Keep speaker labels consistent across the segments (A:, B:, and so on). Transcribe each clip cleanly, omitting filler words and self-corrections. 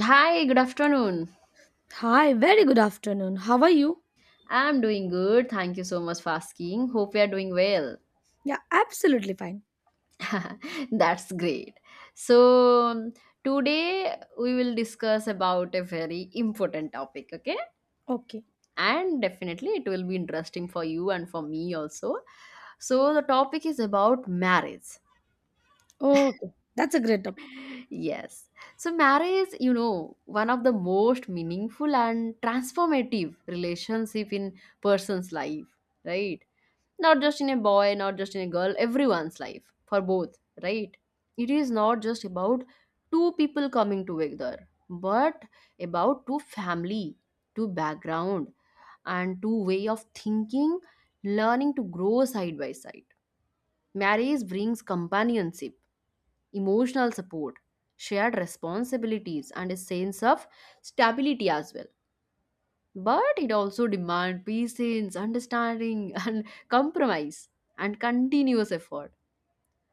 A: Hi, good afternoon.
B: Hi, very good afternoon. How are you?
A: I'm doing good. Thank you so much for asking. Hope you are doing well.
B: Yeah, absolutely fine.
A: That's great. So, um, Today we will discuss about a very important topic, okay?
B: Okay.
A: And definitely it will be interesting for you and for me also. So, the topic is about marriage.
B: Okay. That's a great topic.
A: Yes. So, marriage, you know, one of the most meaningful and transformative relationship in person's life, right? Not just in a boy, not just in a girl, everyone's life, for both, right? It is not just about two people coming together, but about two family, two background, and two way of thinking, learning to grow side by side. Marriage brings companionship, emotional support, shared responsibilities, and a sense of stability as well. But it also demands patience, understanding and compromise and continuous effort.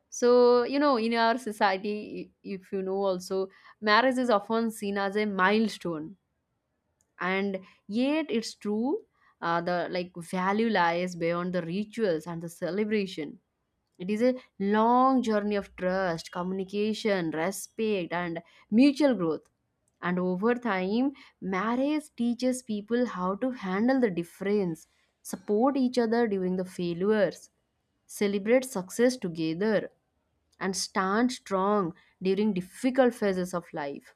A: So you know, in our society, if you know also, marriage is often seen as a milestone, and yet it's true. The like value lies beyond the rituals and the celebration. It is a long journey of trust, communication, respect, and mutual growth. And over time, marriage teaches people how to handle the difference, support each other during the failures, celebrate success together, and stand strong during difficult phases of life.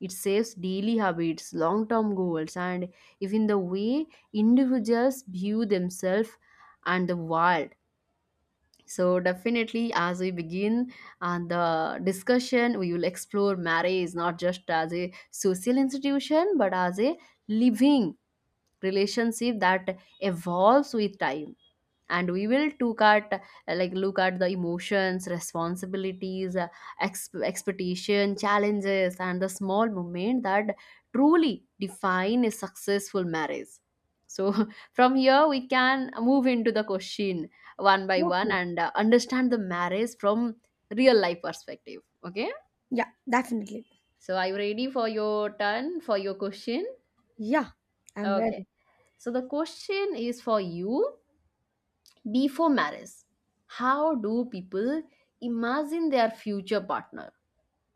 A: It saves daily habits, long term goals, and even the way individuals view themselves and the world. So, definitely, as we begin the discussion, we will explore marriage not just as a social institution but as a living relationship that evolves with time. And we will took at look at the emotions, responsibilities, expectation, challenges, and the small moment that truly define a successful marriage. So from here we can move into the question one by one
B: Okay.
A: and understand the marriage from real life perspective, okay?
B: Yeah, definitely.
A: So are you ready for your turn, for your question?
B: Yeah, I'm
A: Okay,
B: ready.
A: so the question is for you. Before marriage, how do people imagine their future partner,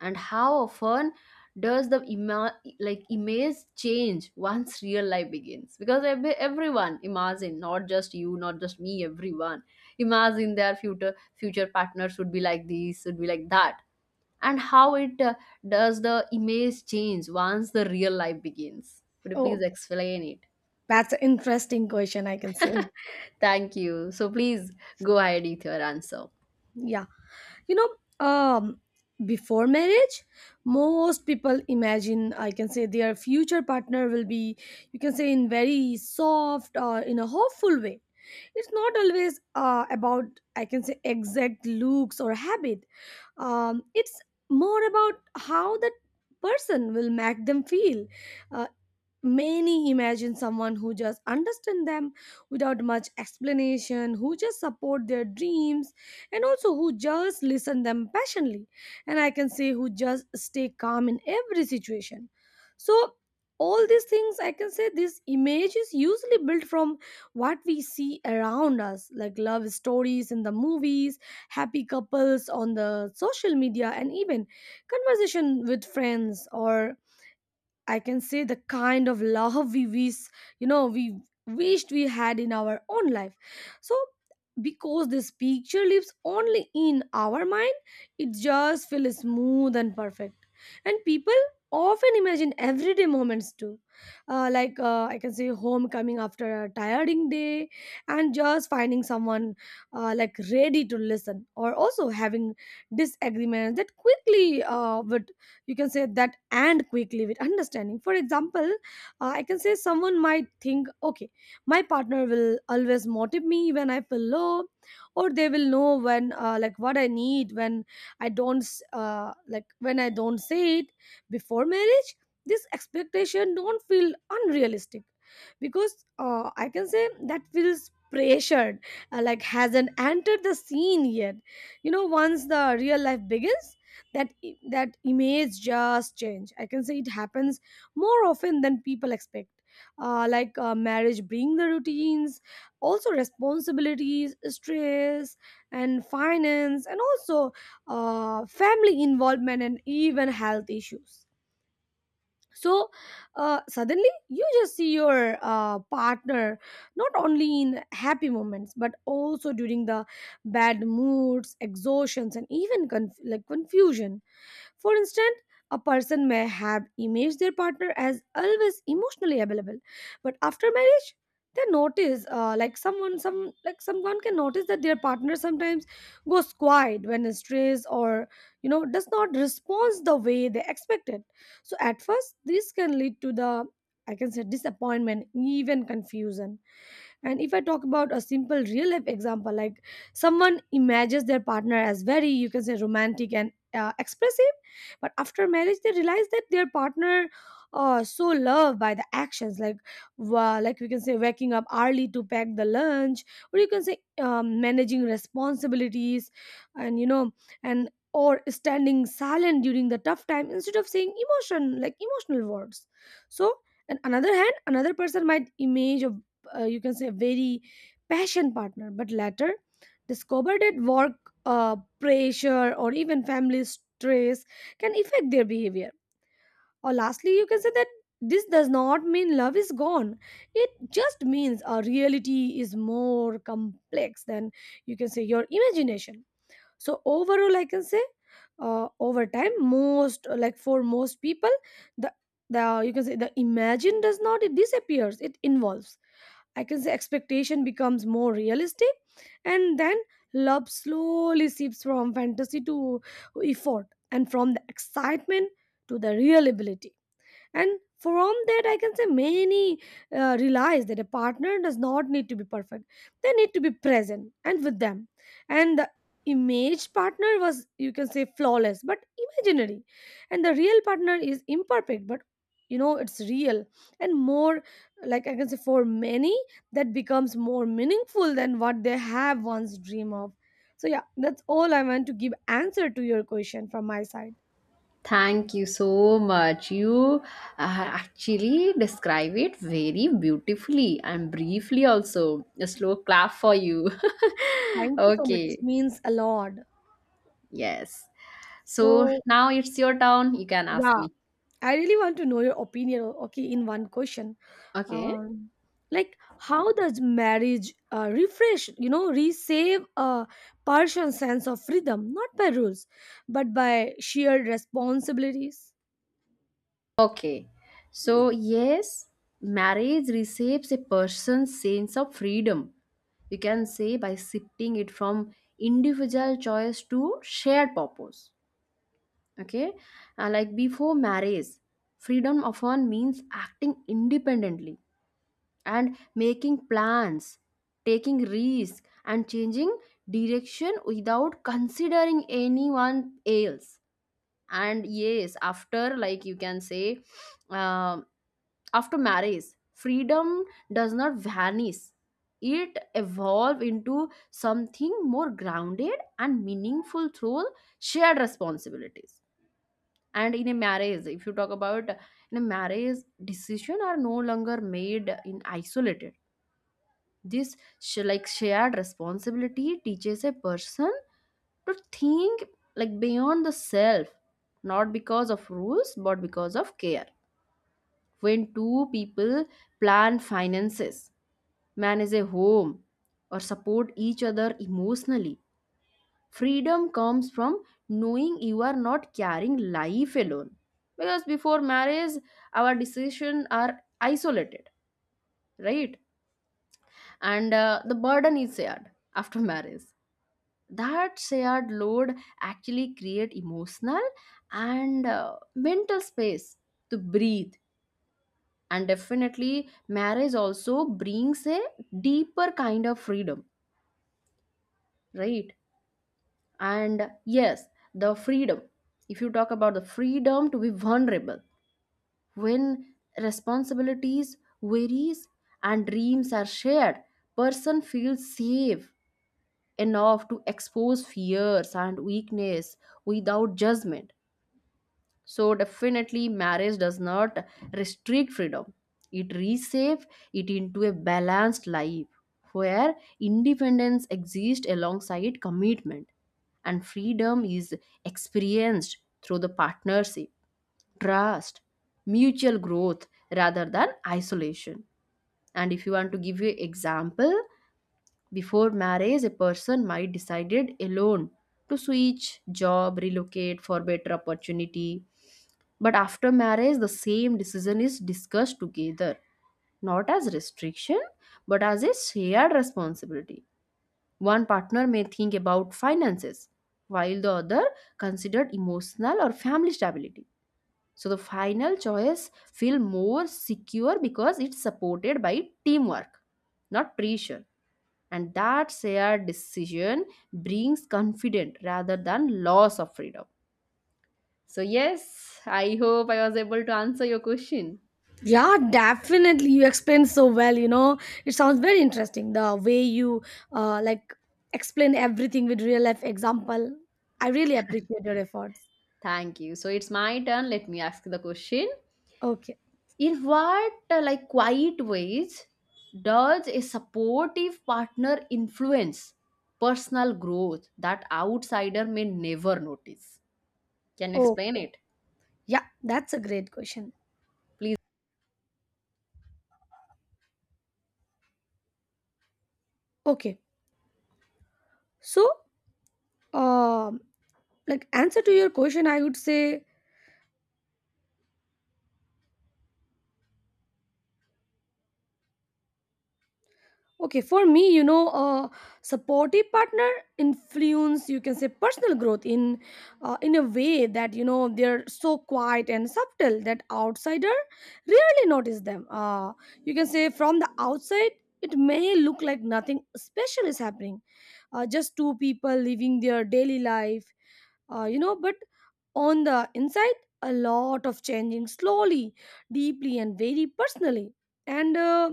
A: and how often does the image change once real life begins? Because everyone imagine, not just you, not just me, everyone imagine their future partner should be like this, should be like that. And how it does the image change once the real life begins? Could you please
B: Okay.
A: explain it?
B: That's an interesting question, I can say.
A: Thank you, so please go ahead with your answer.
B: Yeah. You know, before marriage, most people imagine, I can say, their future partner will be, you can say, in very soft or in a hopeful way. It's not always about, I can say, exact looks or habit. It's more about how that person will make them feel. uh, Many imagine someone who just understand them without much explanation, who just support their dreams, and also who just listen them passionately, and I can say who just stay calm in every situation. So all these things, I can say, this image is usually built from what we see around us, like love stories in the movies, happy couples on the social media, and even conversation with friends, or I can say the kind of love we wish, we wished we had in our own life. So because this picture lives only in our mind, it just feels smooth and perfect. And people often imagine everyday moments too, like I can say homecoming after a tiring day, and just finding someone like ready to listen, or also having disagreements that quickly would, you can say that, and quickly with understanding. For example, I can say someone might think, okay, my partner will always motivate me when I feel low, or they will know when like what I need when I don't s- like when I don't say it. Before marriage, this expectation don't feel unrealistic because, I can say, that feels pressured, like hasn't entered the scene yet. You know, once the real life begins, that that image just change, I can say. It happens more often than people expect. Like marriage bring the routines, also responsibilities, stress, and finance, and also family involvement and even health issues. So suddenly you just see your partner not only in happy moments but also during the bad moods, exhaustions, and even like confusion. For instance, a person may have imaged their partner as always emotionally available, but after marriage they notice, like someone, some like someone can notice that their partner sometimes goes quiet when stressed, or you know, does not respond the way they expected. So at first this can lead to the, I can say, disappointment, even confusion. And if I talk about a simple real life example, like someone imagines their partner as very, you can say, romantic and expressive, but after marriage they realize that their partner so loved by the actions, like like we can say waking up early to pack the lunch, or you can say managing responsibilities, and you know, and or standing silent during the tough time instead of saying emotion like emotional words. So and another hand, another person might image a you can say very passion partner, but later discovered that work pressure or even family stress can affect their behavior. Or lastly, you can say that this does not mean love is gone. It just means our reality is more complex than, you can say, your imagination. So overall, I can say over time, most like for most people, the the you can say the imagine does not, it disappears, it involves, I can say, expectation becomes more realistic. And then love slowly shifts from fantasy to effort, and from the excitement to the real ability. And from that, I can say, many realize that a partner does not need to be perfect. They need to be present and with them. And the image partner was, you can say, flawless but imaginary, and the real partner is imperfect but, you know, it's real. And more, like I can say, for many, that becomes more meaningful than what they have once dreamed of. So yeah, that's all I want to give answer to your question from my side.
A: Thank you so much. You actually describe it very beautifully and briefly, also. A slow clap for you.
B: Thank you so much, it
A: Okay,
B: means a lot.
A: yes. So
B: So
A: now it's your turn. You can ask
B: yeah,
A: me.
B: I really want to know your opinion. Okay, in one question,
A: Okay.
B: um, like how does marriage refresh, you know, resave a person's sense of freedom, not by rules, but by shared responsibilities?
A: Okay. So, yes, marriage reshapes a person's sense of freedom. You can say by shifting it from individual choice to shared purpose. Okay. Before marriage, freedom often means acting independently and making plans, taking risks, and changing direction without considering anyone else. And yes, after like you can say, uh, after marriage, freedom does not vanish, it evolve into something more grounded and meaningful through shared responsibilities. And in a marriage, if you talk about, in a marriage, decision are no longer made in isolated. This, shared responsibility teaches a person to think like beyond the self, not because of rules but because of care. When two people plan finances, manage a home, or support each other emotionally, freedom comes from knowing you are not carrying life alone. Because before marriage, our decisions are isolated, right? And the burden is shared after marriage. That shared load actually create emotional and mental space to breathe. And definitely, marriage also brings a deeper kind of freedom, right? And yes, the freedom, if you talk about the freedom to be vulnerable, when responsibilities varies and dreams are shared, person feels safe enough to expose fears and weakness without judgment. So definitely marriage does not restrict freedom. It reshapes it into a balanced life where independence exists alongside commitment and freedom is experienced through the partnership, trust, mutual growth rather than isolation. And if you want to give you example, before marriage, a person might decided alone to switch job, relocate for better opportunity. But after marriage, the same decision is discussed together, not as restriction, but as a shared responsibility. One partner may think about finances, while the other considered emotional or family stability. So the final choice feel more secure because it's supported by teamwork, not pressure, and that shared decision brings confidence rather than loss of freedom. So yes, I hope I was able to answer your question.
B: Yeah, definitely. You explained so well. You know, it sounds very interesting the way you like explain everything with real life example. I really appreciate your efforts.
A: Thank you, so it's my turn, let me ask the question.
B: Okay.
A: In what quiet ways does a supportive partner influence personal growth that outsider may never notice? Can you explain
B: Okay.
A: it?
B: Yeah, that's a great question.
A: Please.
B: Okay. So um like answer to your question, I would say, okay, for me, you know, a supportive partner influence, you can say, personal growth in a way that, you know, they're so quiet and subtle that outsider rarely notice them. You can say from the outside, it may look like nothing special is happening, just two people living their daily life. You know, but on the inside, a lot of changing slowly, deeply, and very personally. And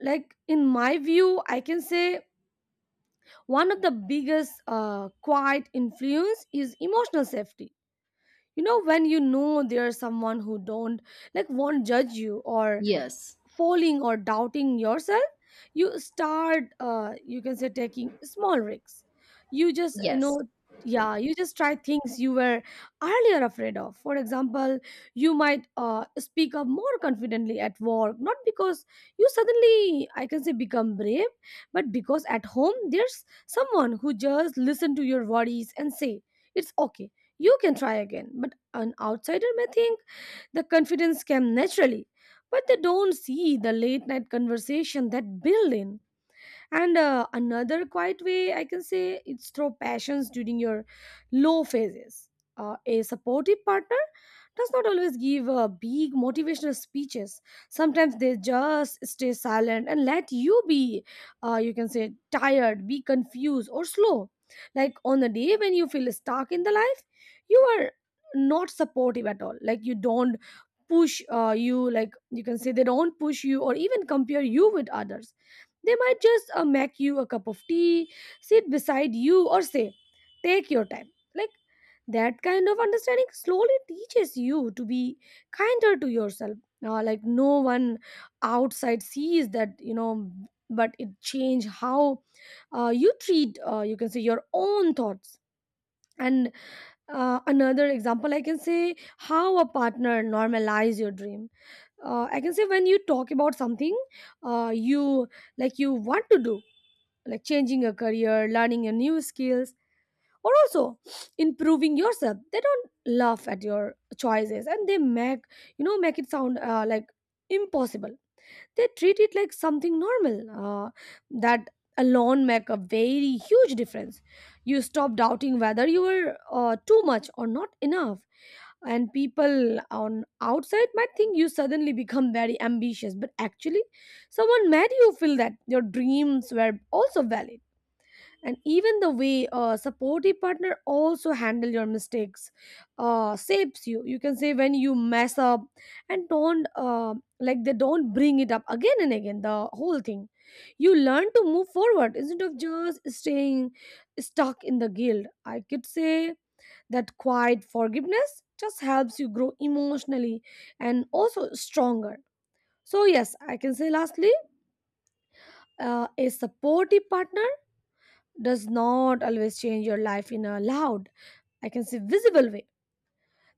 B: like in my view, I can say one of the biggest quiet influence is emotional safety. You know, when you know there's someone who don't, like won't judge you or
A: Yes.
B: falling or doubting yourself, you start, you can say, taking small risks. You just, you
A: Yes.
B: know, yeah, you just try things you were earlier afraid of. For example, you might speak up more confidently at work, not because you suddenly, I can say, become brave, but because at home there's someone who just listen to your worries and say, it's okay, you can try again. But an outsider may think the confidence came naturally, but they don't see the late night conversation that build in. And another quiet way, I can say, it's through passions during your low phases. A supportive partner does not always give big motivational speeches. Sometimes they just stay silent and let you be, you can say, tired, be confused, or slow. Like on the day when you feel stuck in the life, you are not supportive at all, like you don't push, you, like you can say, they don't push you or even compare you with others. They might just make you a cup of tea, sit beside you, or say, take your time. Like that kind of understanding slowly teaches you to be kinder to yourself. Like no one outside sees that, you know, but it change how you treat, you can say, your own thoughts. And another example, I can say, how a partner normalize your dream. I can say when you talk about something, you, like you want to do, like changing a career, learning a new skills, or also improving yourself, they don't laugh at your choices, and they make, you know, make it sound like impossible. They treat it like something normal. That alone make a very huge difference. You stop doubting whether you are too much or not enough. And people on outside might think you suddenly become very ambitious, but actually, someone made you feel that your dreams were also valid. And even the way a supportive partner also handle your mistakes, saves you, you can say, when you mess up and don't, like they don't bring it up again and again the whole thing, you learn to move forward instead of just staying stuck in the guilt, I could say. That quiet forgiveness just helps you grow emotionally and also stronger. So yes, I can say lastly, a supportive partner does not always change your life in a loud, I can say, visible way.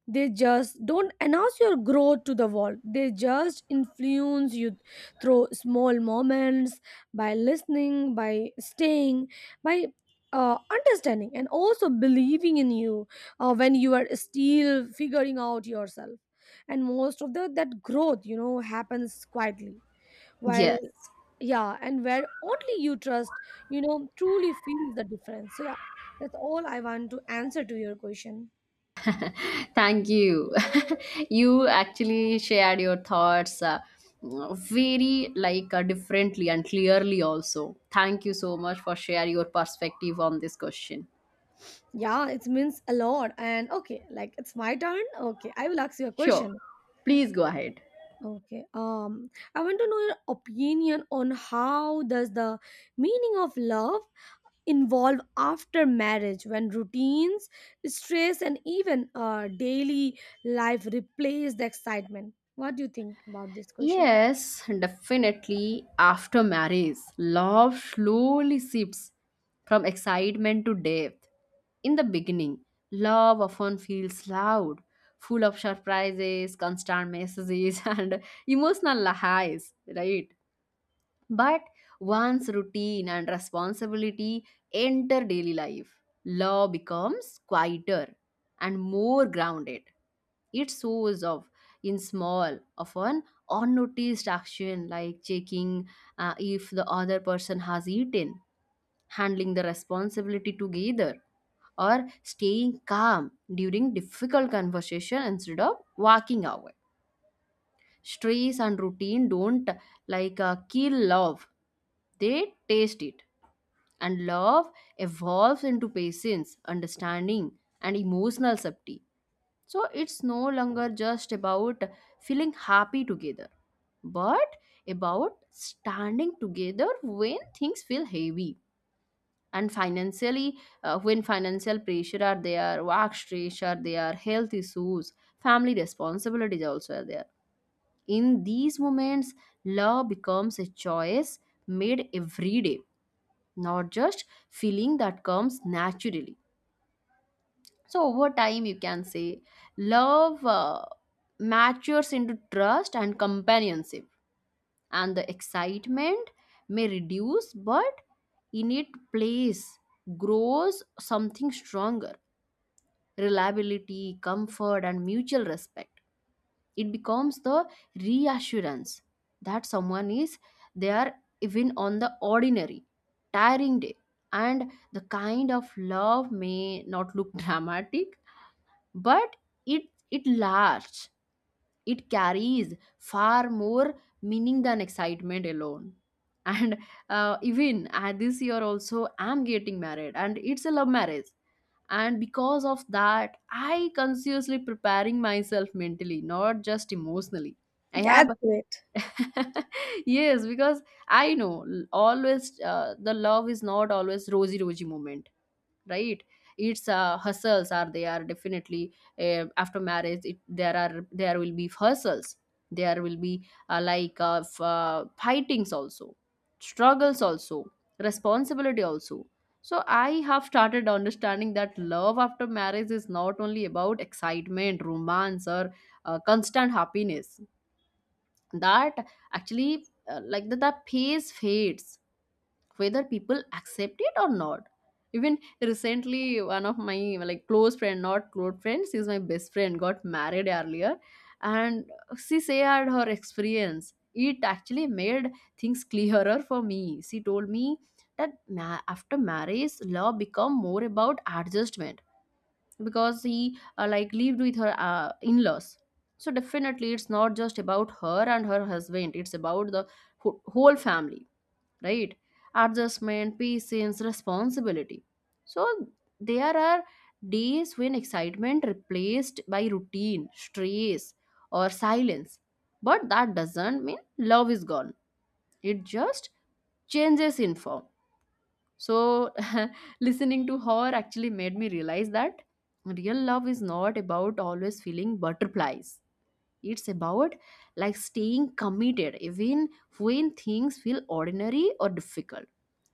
B: They just don't announce your growth to the world. They just influence you through small moments, by listening, by staying, by understanding, and also believing in you when you are still figuring out yourself. And most of the that growth, you know, happens quietly while
A: Yes.
B: yeah, and where only you trust, you know, truly feels the difference. So yeah, that's all I want to answer to your question.
A: Thank you. You actually shared your thoughts very differently and clearly also. Thank you so much for sharing your perspective on this question.
B: Yeah, it means a lot. And okay, like it's my turn. Okay, I will ask you a
A: Sure.
B: question.
A: Please go ahead.
B: Okay, I want to know your opinion on how does the meaning of love involve after marriage when routines, stress, and even daily life replace the excitement. What do you think about this question?
A: Yes, definitely. After marriage, love slowly shifts from excitement to depth. In the beginning, love often feels loud, full of surprises, constant messages, and emotional highs, right? But once routine and responsibility enter daily life, law becomes quieter and more grounded. It shows off in small, often unnoticed action like checking if the other person has eaten, handling the responsibility together, or staying calm during difficult conversation instead of walking away. Stress and routine don't kill love, they taste it. And love evolves into patience, understanding, and emotional safety. So it's no longer just about feeling happy together, but about standing together when things feel heavy. And financially, when financial pressure are there, work stress are there, health issues, family responsibilities also are there. In these moments, love becomes a choice made every day, not just feeling that comes naturally. So, over time, you can say love matures into trust and companionship, and the excitement may reduce, but in its place grows something stronger: reliability, comfort, and mutual respect. It becomes the reassurance that someone is there even on the ordinary tiring day. And the kind of love may not look dramatic, but it it lasts. It carries far more meaning than excitement alone. And even this year also I'm getting married, and it's a love marriage. And because of that I consciously preparing myself mentally, not just emotionally. I have
B: That's great.
A: yes, because I know, always the love is not always rosy rosy moment, right? Its hustles are they are definitely after marriage there are, there will be hustles. There will be fightings also, struggles also, responsibility also. So I have started understanding that love after marriage is not only about excitement, romance, or constant happiness. That actually like that the pace fades, whether people accept it or not. Even recently, one of my like close friend not close friend, she's my best friend, got married earlier. And she shared her experience. It actually made things clearer for me. She told me that after marriage love become more about adjustment, because he lived with her in-laws. So definitely it's not just about her and her husband, it's about the whole family, right? Adjustment, patience, responsibility. So there are days when excitement replaced by routine, stress, or silence. But that doesn't mean love is gone. It just changes in form. So listening to her actually made me realize that real love is not about always feeling butterflies. It's about like staying committed even when things feel ordinary or difficult.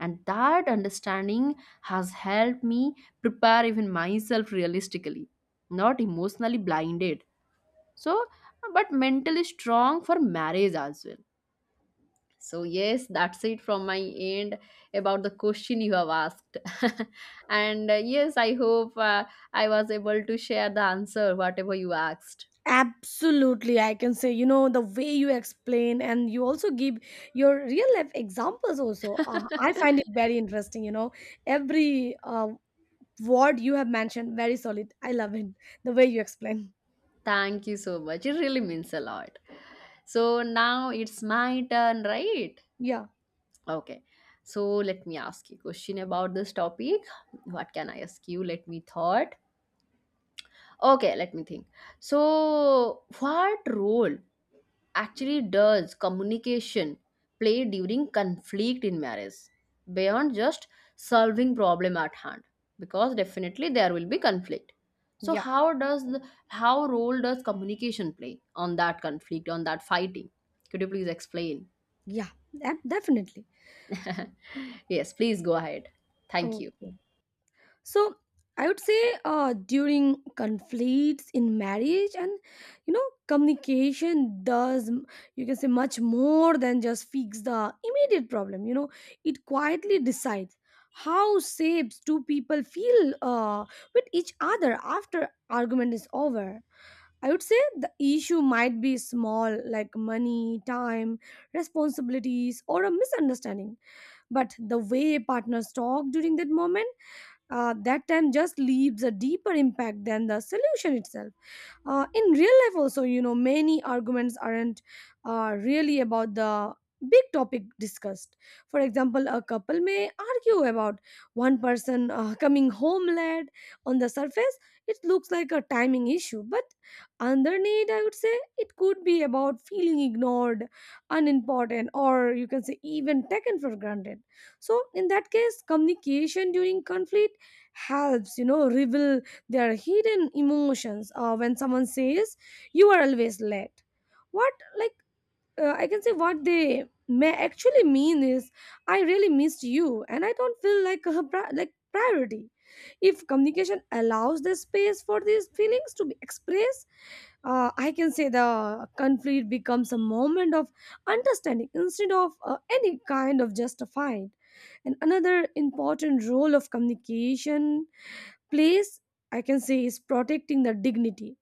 A: And that understanding has helped me prepare even myself realistically, not emotionally blinded. So, but mentally strong for marriage as well. So, yes, that's it from my end about the question you have asked. And yes, I hope I was able to share the answer, whatever you asked.
B: Absolutely, I can say, you know, the way you explain and you also give your real life examples, also. I find it very interesting, you know, every word you have mentioned, very solid. I love it, the way you explain.
A: Thank you so much. It really means a lot. So now it's my turn, right?
B: Yeah,
A: Okay. So let me ask you question about this topic. What can I ask you? Let me thought. Okay, let me think. So what role actually does communication play during conflict in marriage, beyond just solving problem at hand? Because definitely there will be conflict. So
B: yeah,
A: how does the, how role does communication play on that conflict, on that fighting? Could you please explain?
B: yeah, that, definitely.
A: Yes, please go ahead. Thank you.
B: Okay. So I would say during conflicts in marriage and you know communication you can say much more than just fix the immediate problem, you know. It quietly decides how shapes two people feel with each other after argument is over. I would say the issue might be small like money, time, responsibilities or a misunderstanding, but the way partners talk during that moment, that time just leaves a deeper impact than the solution itself. In real life, also, you know, many arguments aren't really about the big topic discussed. For example, a couple may argue about one person coming home late. On the surface, it looks like a timing issue, but underneath, I would say it could be about feeling ignored, unimportant, or you can say even taken for granted. So, in that case, communication during conflict helps you know reveal their hidden emotions. When someone says you are always late, what like I can say what they may actually mean is I really missed you and I don't feel like priority. If communication allows the space for these feelings to be expressed, I can say the conflict becomes a moment of understanding instead of any kind of justified. And another important role of communication place I can say is protecting the dignity.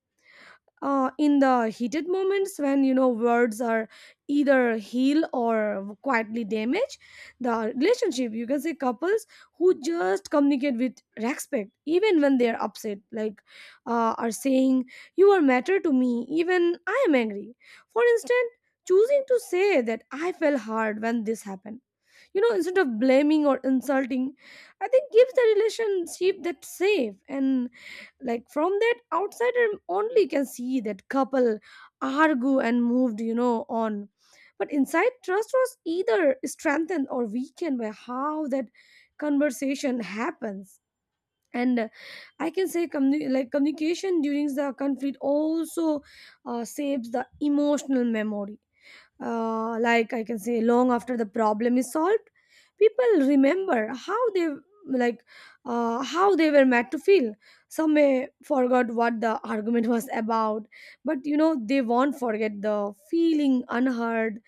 B: In the heated moments when you know words are either heal or quietly damage the relationship, you can say couples who just communicate with respect even when they are upset, like are saying you are matter to me even I am angry. For instance, choosing to say that I felt hard when this happened, you know, instead of blaming or insulting, I think gives the relationship that safe, and like from that outsider only can see that couple argue and moved, you know, on, but inside trust was either strengthened or weakened by how that conversation happens. And I can say communication during the conflict also saves the emotional memory. I can say long after the problem is solved, people remember how they, like how they were made to feel. Some may forgot what the argument was about, but you know they won't forget the feeling unheard,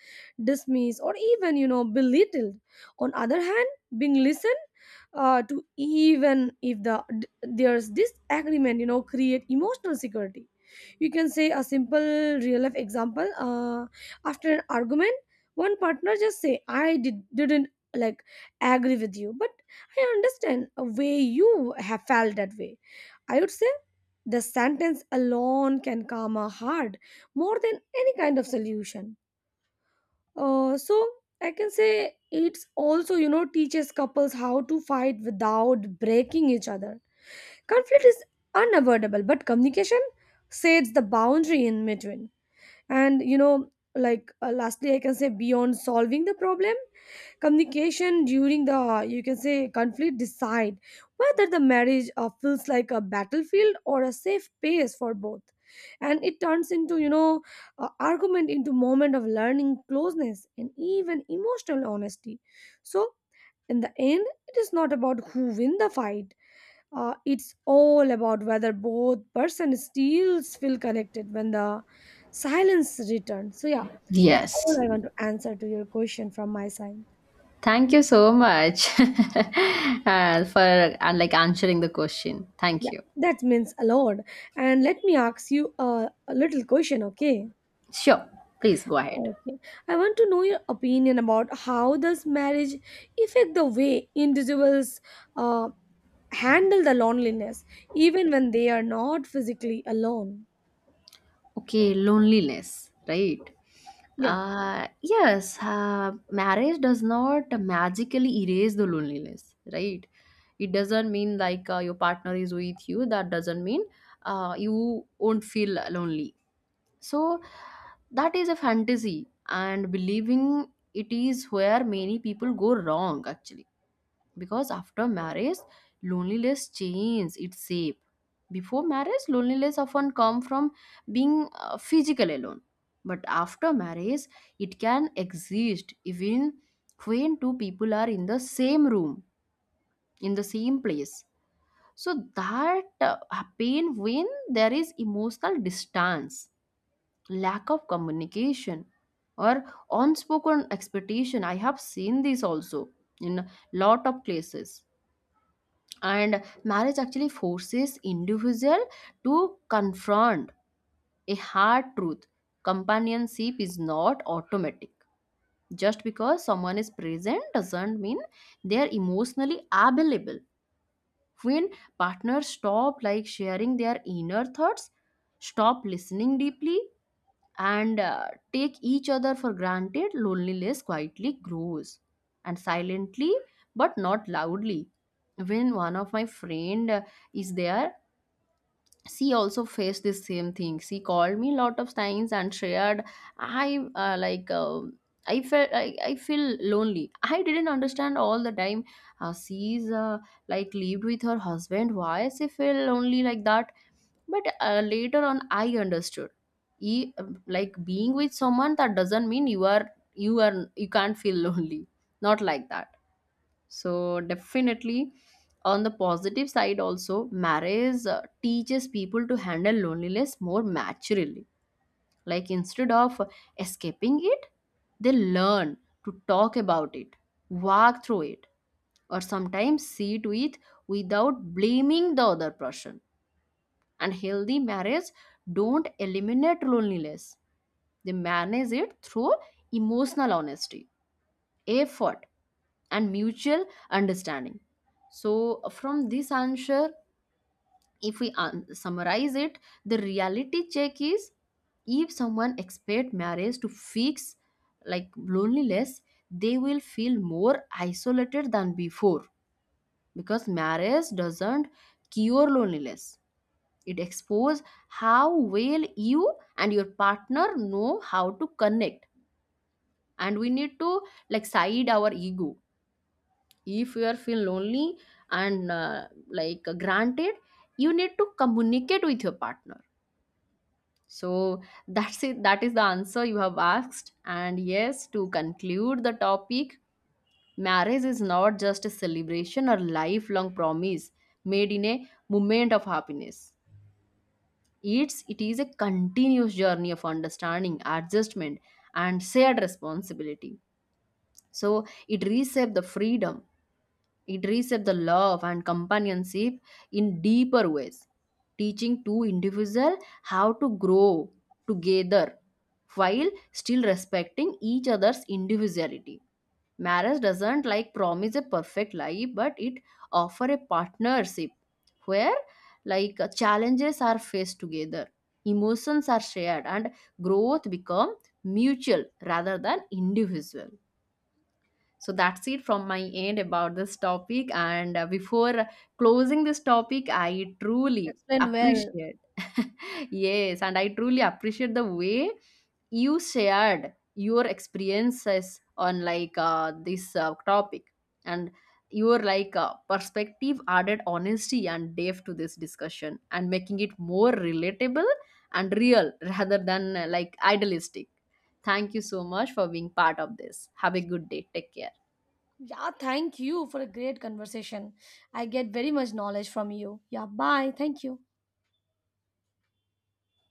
B: dismissed or even you know belittled. On other hand, being listened to, even if there's disagreement, you know create emotional security. You can say a simple real life example, after an argument one partner just say didn't like agree with you, but I understand a way you have felt that way. I would say the sentence alone can calm a heart more than any kind of solution. So I can say it's also you know teaches couples how to fight without breaking each other. Conflict is unavoidable, but communication sets the boundary in between. And you know like lastly I can say beyond solving the problem, communication during the you can say conflict decide whether the marriage feels like a battlefield or a safe space for both. And it turns into you know argument into moment of learning, closeness and even emotional honesty. So in the end it is not about who win the fight. It's all about whether both person still feel connected when the silence returns, so yeah, that's all
A: Yes.
B: I want to answer to your question from my side.
A: Thank you so much. For answering the question, thank
B: Yeah,
A: you.
B: that means a lot. And let me ask you a little question. Okay,
A: Sure, please go ahead.
B: okay, I want to know your opinion about how does marriage affect the way individuals uh, handle the loneliness even when they are not physically alone.
A: Okay, loneliness, right?
B: Yeah,
A: Yes, marriage does not magically erase the loneliness, right? It doesn't mean like your partner is with you, that doesn't mean you won't feel lonely. So, that is a fantasy, and believing it is where many people go wrong, actually. Because after marriage, loneliness changes its shape. Before marriage, loneliness often come from being physical alone, but after marriage it can exist even when two people are in the same room, in the same place. So that pain when there is emotional distance, lack of communication, or unspoken expectation. I have seen this also in lot of places. And marriage actually forces individual to confront a hard truth: companionship is not automatic. Just because someone is present doesn't mean they are emotionally available. When partners stop like sharing their inner thoughts, stop listening deeply, and take each other for granted, loneliness quietly grows, and silently, but not loudly. When one of my friend is there, she also faced the same thing. She called me lot of times and shared, I I felt, I feel lonely. I didn't understand all the time. She's lived with her husband. Why she feel lonely like that? But later on I understood, e- like being with someone that doesn't mean you are, you can't feel lonely, not like that. So definitely, on the positive side also, marriage teaches people to handle loneliness more maturely. Like instead of escaping it, they learn to talk about it, walk through it, or sometimes see to it without blaming the other person. And healthy marriage don't eliminate loneliness, they manage it through emotional honesty, effort, and mutual understanding. So from this answer, if we summarize it, the reality check is if someone expect marriage to fix like loneliness, they will feel more isolated than before. Because marriage doesn't cure loneliness, it exposes how well you and your partner know how to connect. And we need to like side our ego. If you are feel lonely and like granted, you need to communicate with your partner. So that's it, that is the answer you have asked. And yes, to conclude the topic, marriage is not just a celebration or lifelong promise made in a moment of happiness. It is a continuous journey of understanding, adjustment, and shared responsibility. So it reshapes the freedom, it reshapes the love and companionship in deeper ways, teaching two individuals how to grow together while still respecting each other's individuality. Marriage doesn't like promise a perfect life, but it offer a partnership where challenges are faced together, emotions are shared, and growth become mutual rather than individual. So that's it from my end about this topic. And before closing this topic, I truly
B: explain well.
A: appreciate. Yes, and I truly appreciate the way you shared your experiences on this topic. And your perspective added honesty and depth to this discussion and making it more relatable and real, rather than idealistic. Thank you so much for being part of this. Have a good day. Take care.
B: Yeah, thank you for a great conversation. I get very much knowledge from you. Yeah, bye. Thank you.